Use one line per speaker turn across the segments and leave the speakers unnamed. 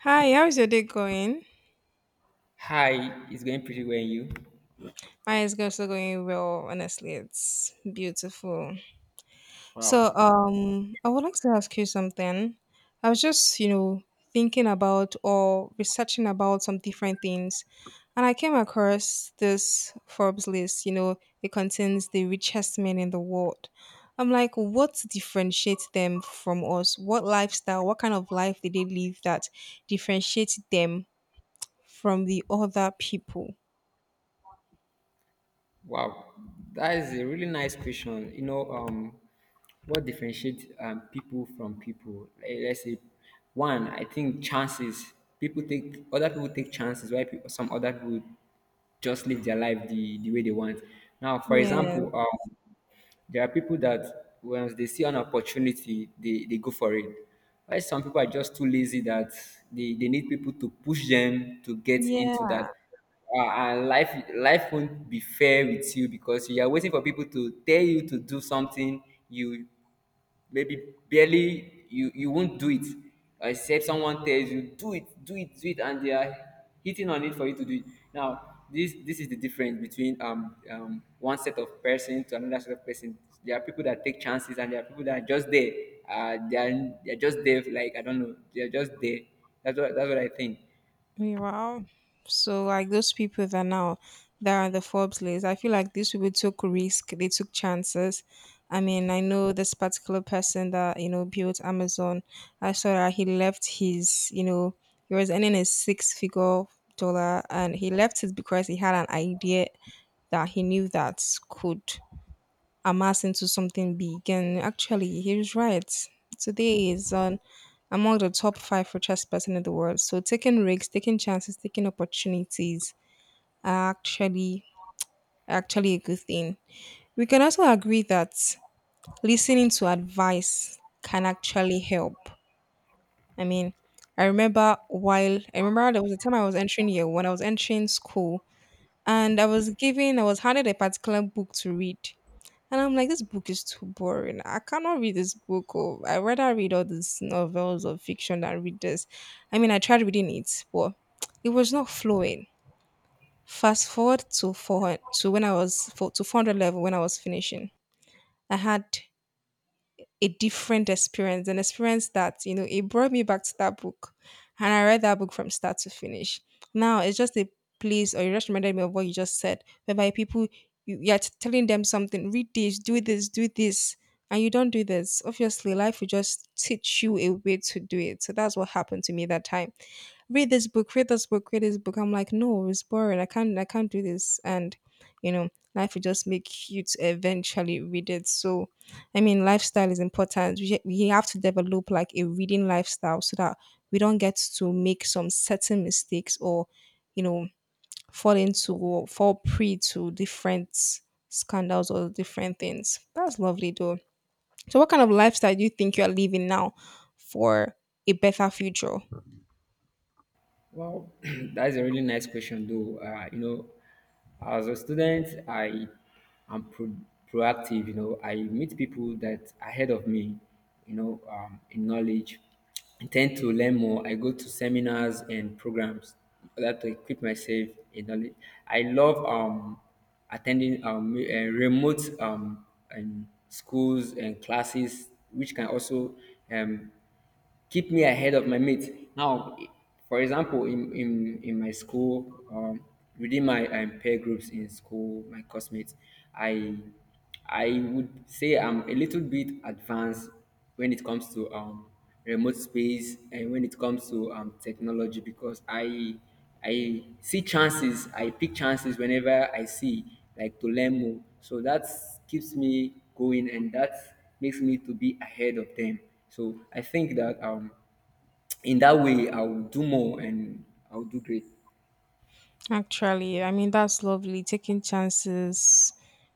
Hi, how's your day going?
Hi, it's going pretty well, and you?
Mine is also going well. Honestly, it's beautiful. So,
Wow.
um, I would like to ask you something. I was just, thinking about or researching about some different things, and I came across this Forbes list. It contains the richest men in the world. I'm like, what differentiates them from us? What lifestyle? What kind of life did they live that differentiates them from the other people?
Wow, that is a really nice question. You know, what differentiates people from people? Let's say, one, I think chances. People take other people take chances. Why people, some other people just live their life the way they want. Now, for
Yeah.
example, there are people that once they see an opportunity, they go for it. Why some people are just too lazy that they need people to push them to get
Yeah.
into that. And life won't be fair with you because you are waiting for people to tell you to do something you maybe barely you won't do it except someone tells you do it do it do it and they are hitting on it for you to do it. Now this is the difference between one set of person to another set of person. There are people that take chances and there are people that are just there. They are just there. Like, I don't know, they are just there. That's what I think.
Wow. So like those people that now that are on the Forbes list, I feel like these people took risk, they took chances. I mean, I know this particular person that built Amazon. I saw that he left his, he was earning a six figure dollar, and he left it because he had an idea that he knew that could amass into something big. And actually, he was right. Today is on among the top five richest person in the world. So taking risks, taking chances, taking opportunities are actually a good thing. We can also agree that listening to advice can actually help. I mean, I remember there was a time I was entering year when I was entering school, and I was handed a particular book to read. And I'm like, this book is too boring. I cannot read this book. Or I rather read all these novels or fiction than read this. I mean, I tried reading it, but it was not flowing. Fast forward to four hundred. To when I was for, to 400 level when I was finishing. I had a different experience, an experience that, it brought me back to that book. And I read that book from start to finish. Now it's just a place, or you just reminded me of what you just said, whereby people, you're telling them something, read this, do this, do this, and you don't do this. Obviously, life will just teach you a way to do it. So that's what happened to me that time. Read this book, read this book, read this book. I'm like, no, it's boring. I can't do this. And life will just make you to eventually read it. So, I mean, lifestyle is important. We have to develop like a reading lifestyle so that we don't get to make some certain mistakes or, you know, fall into or fall prey to different scandals or different things. That's lovely though. So, what kind of lifestyle do you think you are living now for a better future?
Well, that's a really nice question, though. You know, as a student, I am proactive. You know, I meet people that are ahead of me. You know, in knowledge, I tend to learn more. I go to seminars and programs in order to equip myself in knowledge. I love attending remote and schools and classes, which can also um, keep me ahead of my mates. Now, for example, in my school, within my peer groups in school, my classmates, I I would say I'm a little bit advanced when it comes to remote space, and when it comes to technology, because I see chances, I pick chances whenever I see, like, to learn more. So that keeps me going, and that makes me to be ahead of them. So I think that in that way, I'll do more and I'll do great.
Actually, I mean, that's lovely. Taking chances,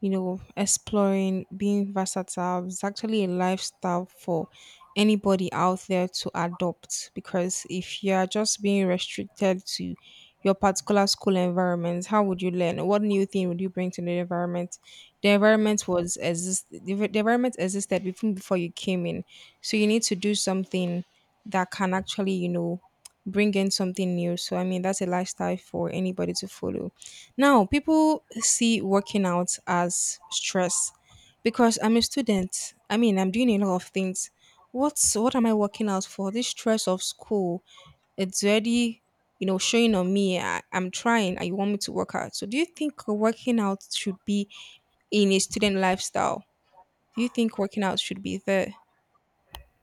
you know, exploring, being versatile is actually a lifestyle for anybody out there to adopt. Because if you're just being restricted to your particular school environment, how would you learn? What new thing would you bring to the environment? The environment was exist. The environment existed even before you came in, so you need to do something that can actually, bring in something new. So I mean that's a lifestyle for anybody to follow. Now people see working out as stress because I'm a student. I mean I'm doing a lot of things. What am I working out for? This stress of school, it's already showing on me. I'm trying and you want me to work out. So do you think working out should be in a student lifestyle? Do you think working out should be there?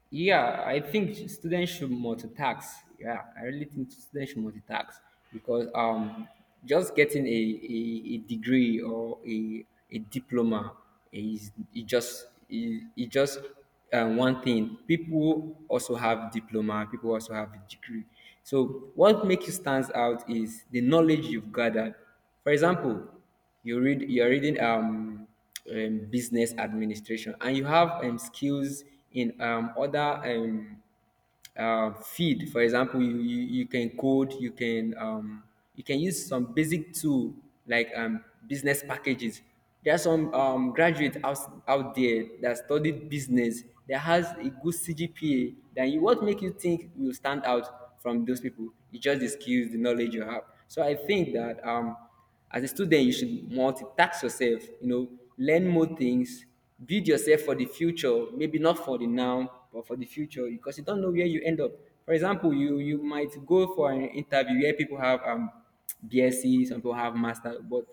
Yeah, I think students should multitask. Yeah, I really think students should multitask because just getting a degree or a diploma is it just one thing. People also have diploma. People also have a degree. So what makes you stand out is the knowledge you've gathered. For example, you're reading business administration and you have skills in other feed, for example. You you, you can code, you can use some basic tool, like business packages. There are some graduates out there that studied business that has a good cgpa. Then you, what make you think you stand out from those people? It's just the skills, the knowledge you have. So I think that as a student, you should multitask yourself, you know, learn more things, build yourself for the future, maybe not for the now, but for the future, because you don't know where you end up. For example, you might go for an interview where people have BSc, some people have master, but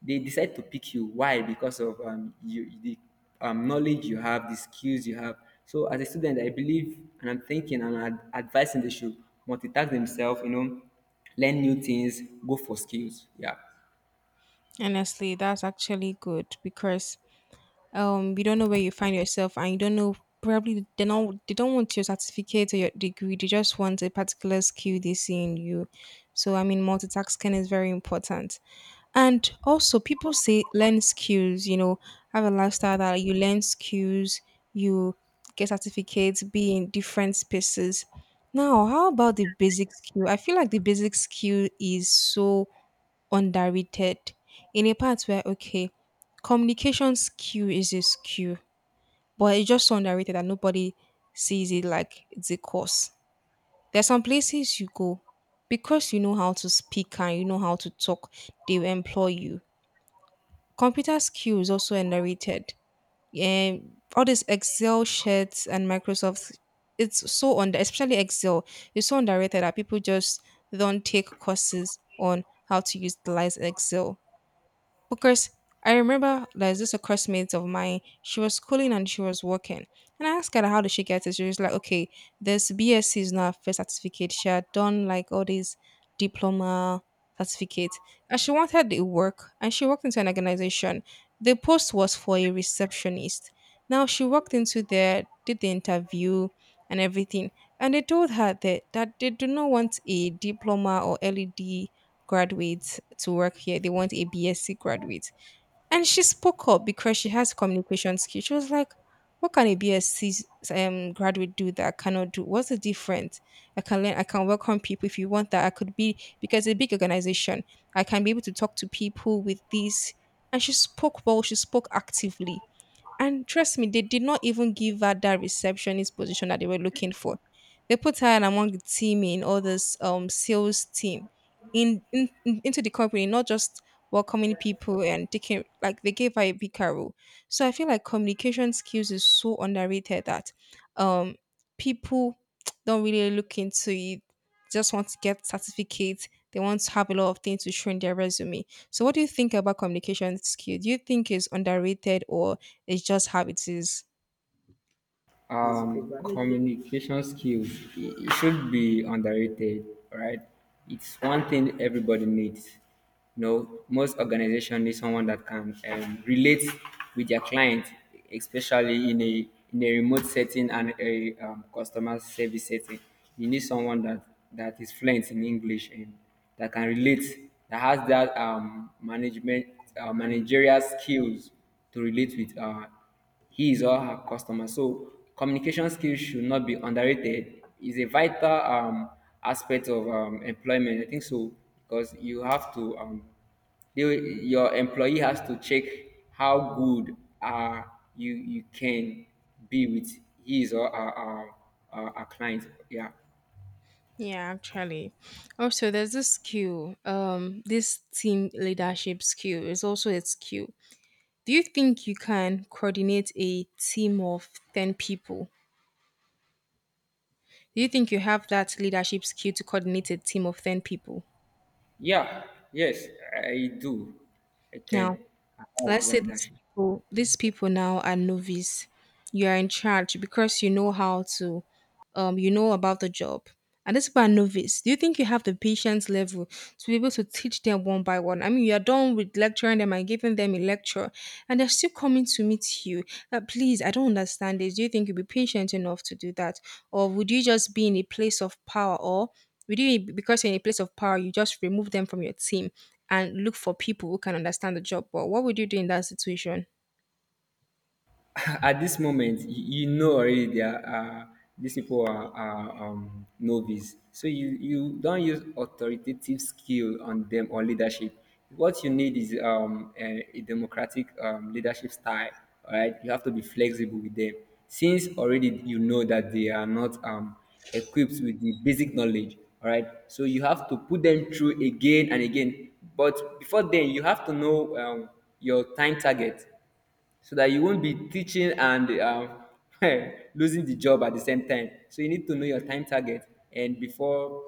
they decide to pick you. Why? Because of you the knowledge you have, the skills you have. So as a student, I believe, and I'm thinking and advising they should multitask themselves, you know, learn new things, go for skills. Yeah.
Honestly, that's actually good because you don't know where you find yourself, and you don't know, probably they don't want your certificate or your degree. They just want a particular skill they see in you. So I mean multitasking is very important, and also people say learn skills. Have a lifestyle that you learn skills, you get certificates, be in different spaces. Now how about the basic skill? I feel like the basic skill is so underrated. In a part where, okay, communication skill is a skill, but it's just so underrated that nobody sees it like it's a course. There's some places you go because you know how to speak and you know how to talk, they will employ you. Computer skill is also underrated. All these Excel sheets and Microsoft, it's so under, especially Excel, it's so underrated that people just don't take courses on how to utilize Excel. Because I remember there's this a classmate of mine, she was schooling and she was working. And I asked her how did she get it? She was like, okay, this BSc is not her first certificate. She had done like all these diploma certificates. And she wanted the work and she worked into an organization. The post was for a receptionist. Now she walked into there, did the interview and everything. And they told her that they do not want a diploma or LED graduates to work here. They want a BSc graduate. And she spoke up because she has communication skills. She was like, what can a BSc graduate do that I cannot do? What's the difference? I can learn, I can welcome people if you want that. I could be, because it's a big organization, I can be able to talk to people with this. And she spoke well, she spoke actively. And trust me, they did not even give her that receptionist position that they were looking for. They put her in among the team in all this sales team into the company, not just welcoming people and taking, like they gave her a bigger role. So I feel like communication skills is so underrated that um people don't really look into it, just want to get certificates. They want to have a lot of things to show in their resume. So, what do you think about communication skill? Do you think it's underrated, or it's just how it is?
Communication skills, it should be underrated. Right. It's one thing everybody needs. You know, most organization need someone that can relate with their client, especially in a remote setting and a customer service setting. You need someone that is fluent in english, and that can relate, that has that management managerial skills to relate with his or her customer. So communication skills should not be underrated. Is a vital aspect of employment, I think so, because you have to your employee has to check how good uh, you can be with his or our clients. Yeah,
Yeah, actually. Also, there's this skill, this team leadership skill is also a skill. Do you think you can coordinate a team of 10 people? Do you think you have that leadership skill to coordinate a team of 10 people?
yeah, yes, I do. I
Now,
can. I have
let's
that
say these
leadership.
people, these people now are novice. You are in charge because you know about the job. And these people are novice. Do you think you have the patience level to be able to teach them one by one? I mean, you are done with lecturing them and giving them a lecture, and they're still coming to meet you. Please, I don't understand this. Do you think you'll be patient enough to do that? Or would you just be in a place of power? Or would you, because you're in a place of power, you just remove them from your team and look for people who can understand the job? But what would you do in that situation?
At this moment, you know already they are these people are novice. So you don't use authoritative skill on them or leadership. What you need is a democratic leadership style. All right, you have to be flexible with them. Since already you know that they are not equipped with the basic knowledge, all right, so you have to put them through again and again. But before then, you have to know your time target, so that you won't be teaching and losing the job at the same time. So you need to know your time target, and before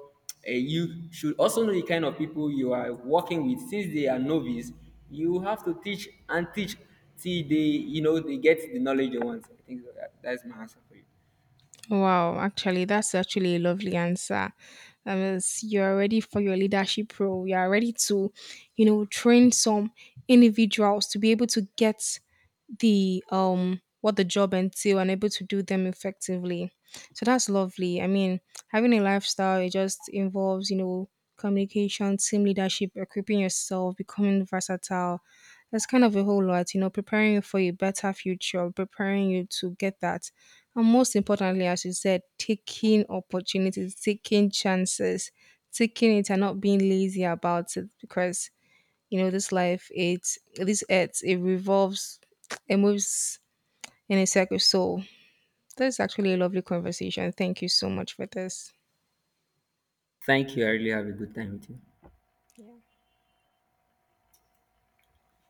you should also know the kind of people you are working with. Since they are novice, you have to teach and teach till they, you know, they get the knowledge they want. I think that's my answer for you.
Wow, actually, that's actually a lovely answer. You're ready for your leadership role. You're ready to train some individuals to be able to get the what the job entail and able to do them effectively. So that's lovely. I mean, having a lifestyle it just involves communication, team leadership, equipping yourself, becoming versatile. That's kind of a whole lot, preparing you for a better future, preparing you to get that. And most importantly, as you said, taking opportunities, taking chances, taking it and not being lazy about it, because this life, it's this earth, it revolves, it moves in a circle. So that's actually a lovely conversation. Thank you so much for this.
Thank you. I really have a good time with you.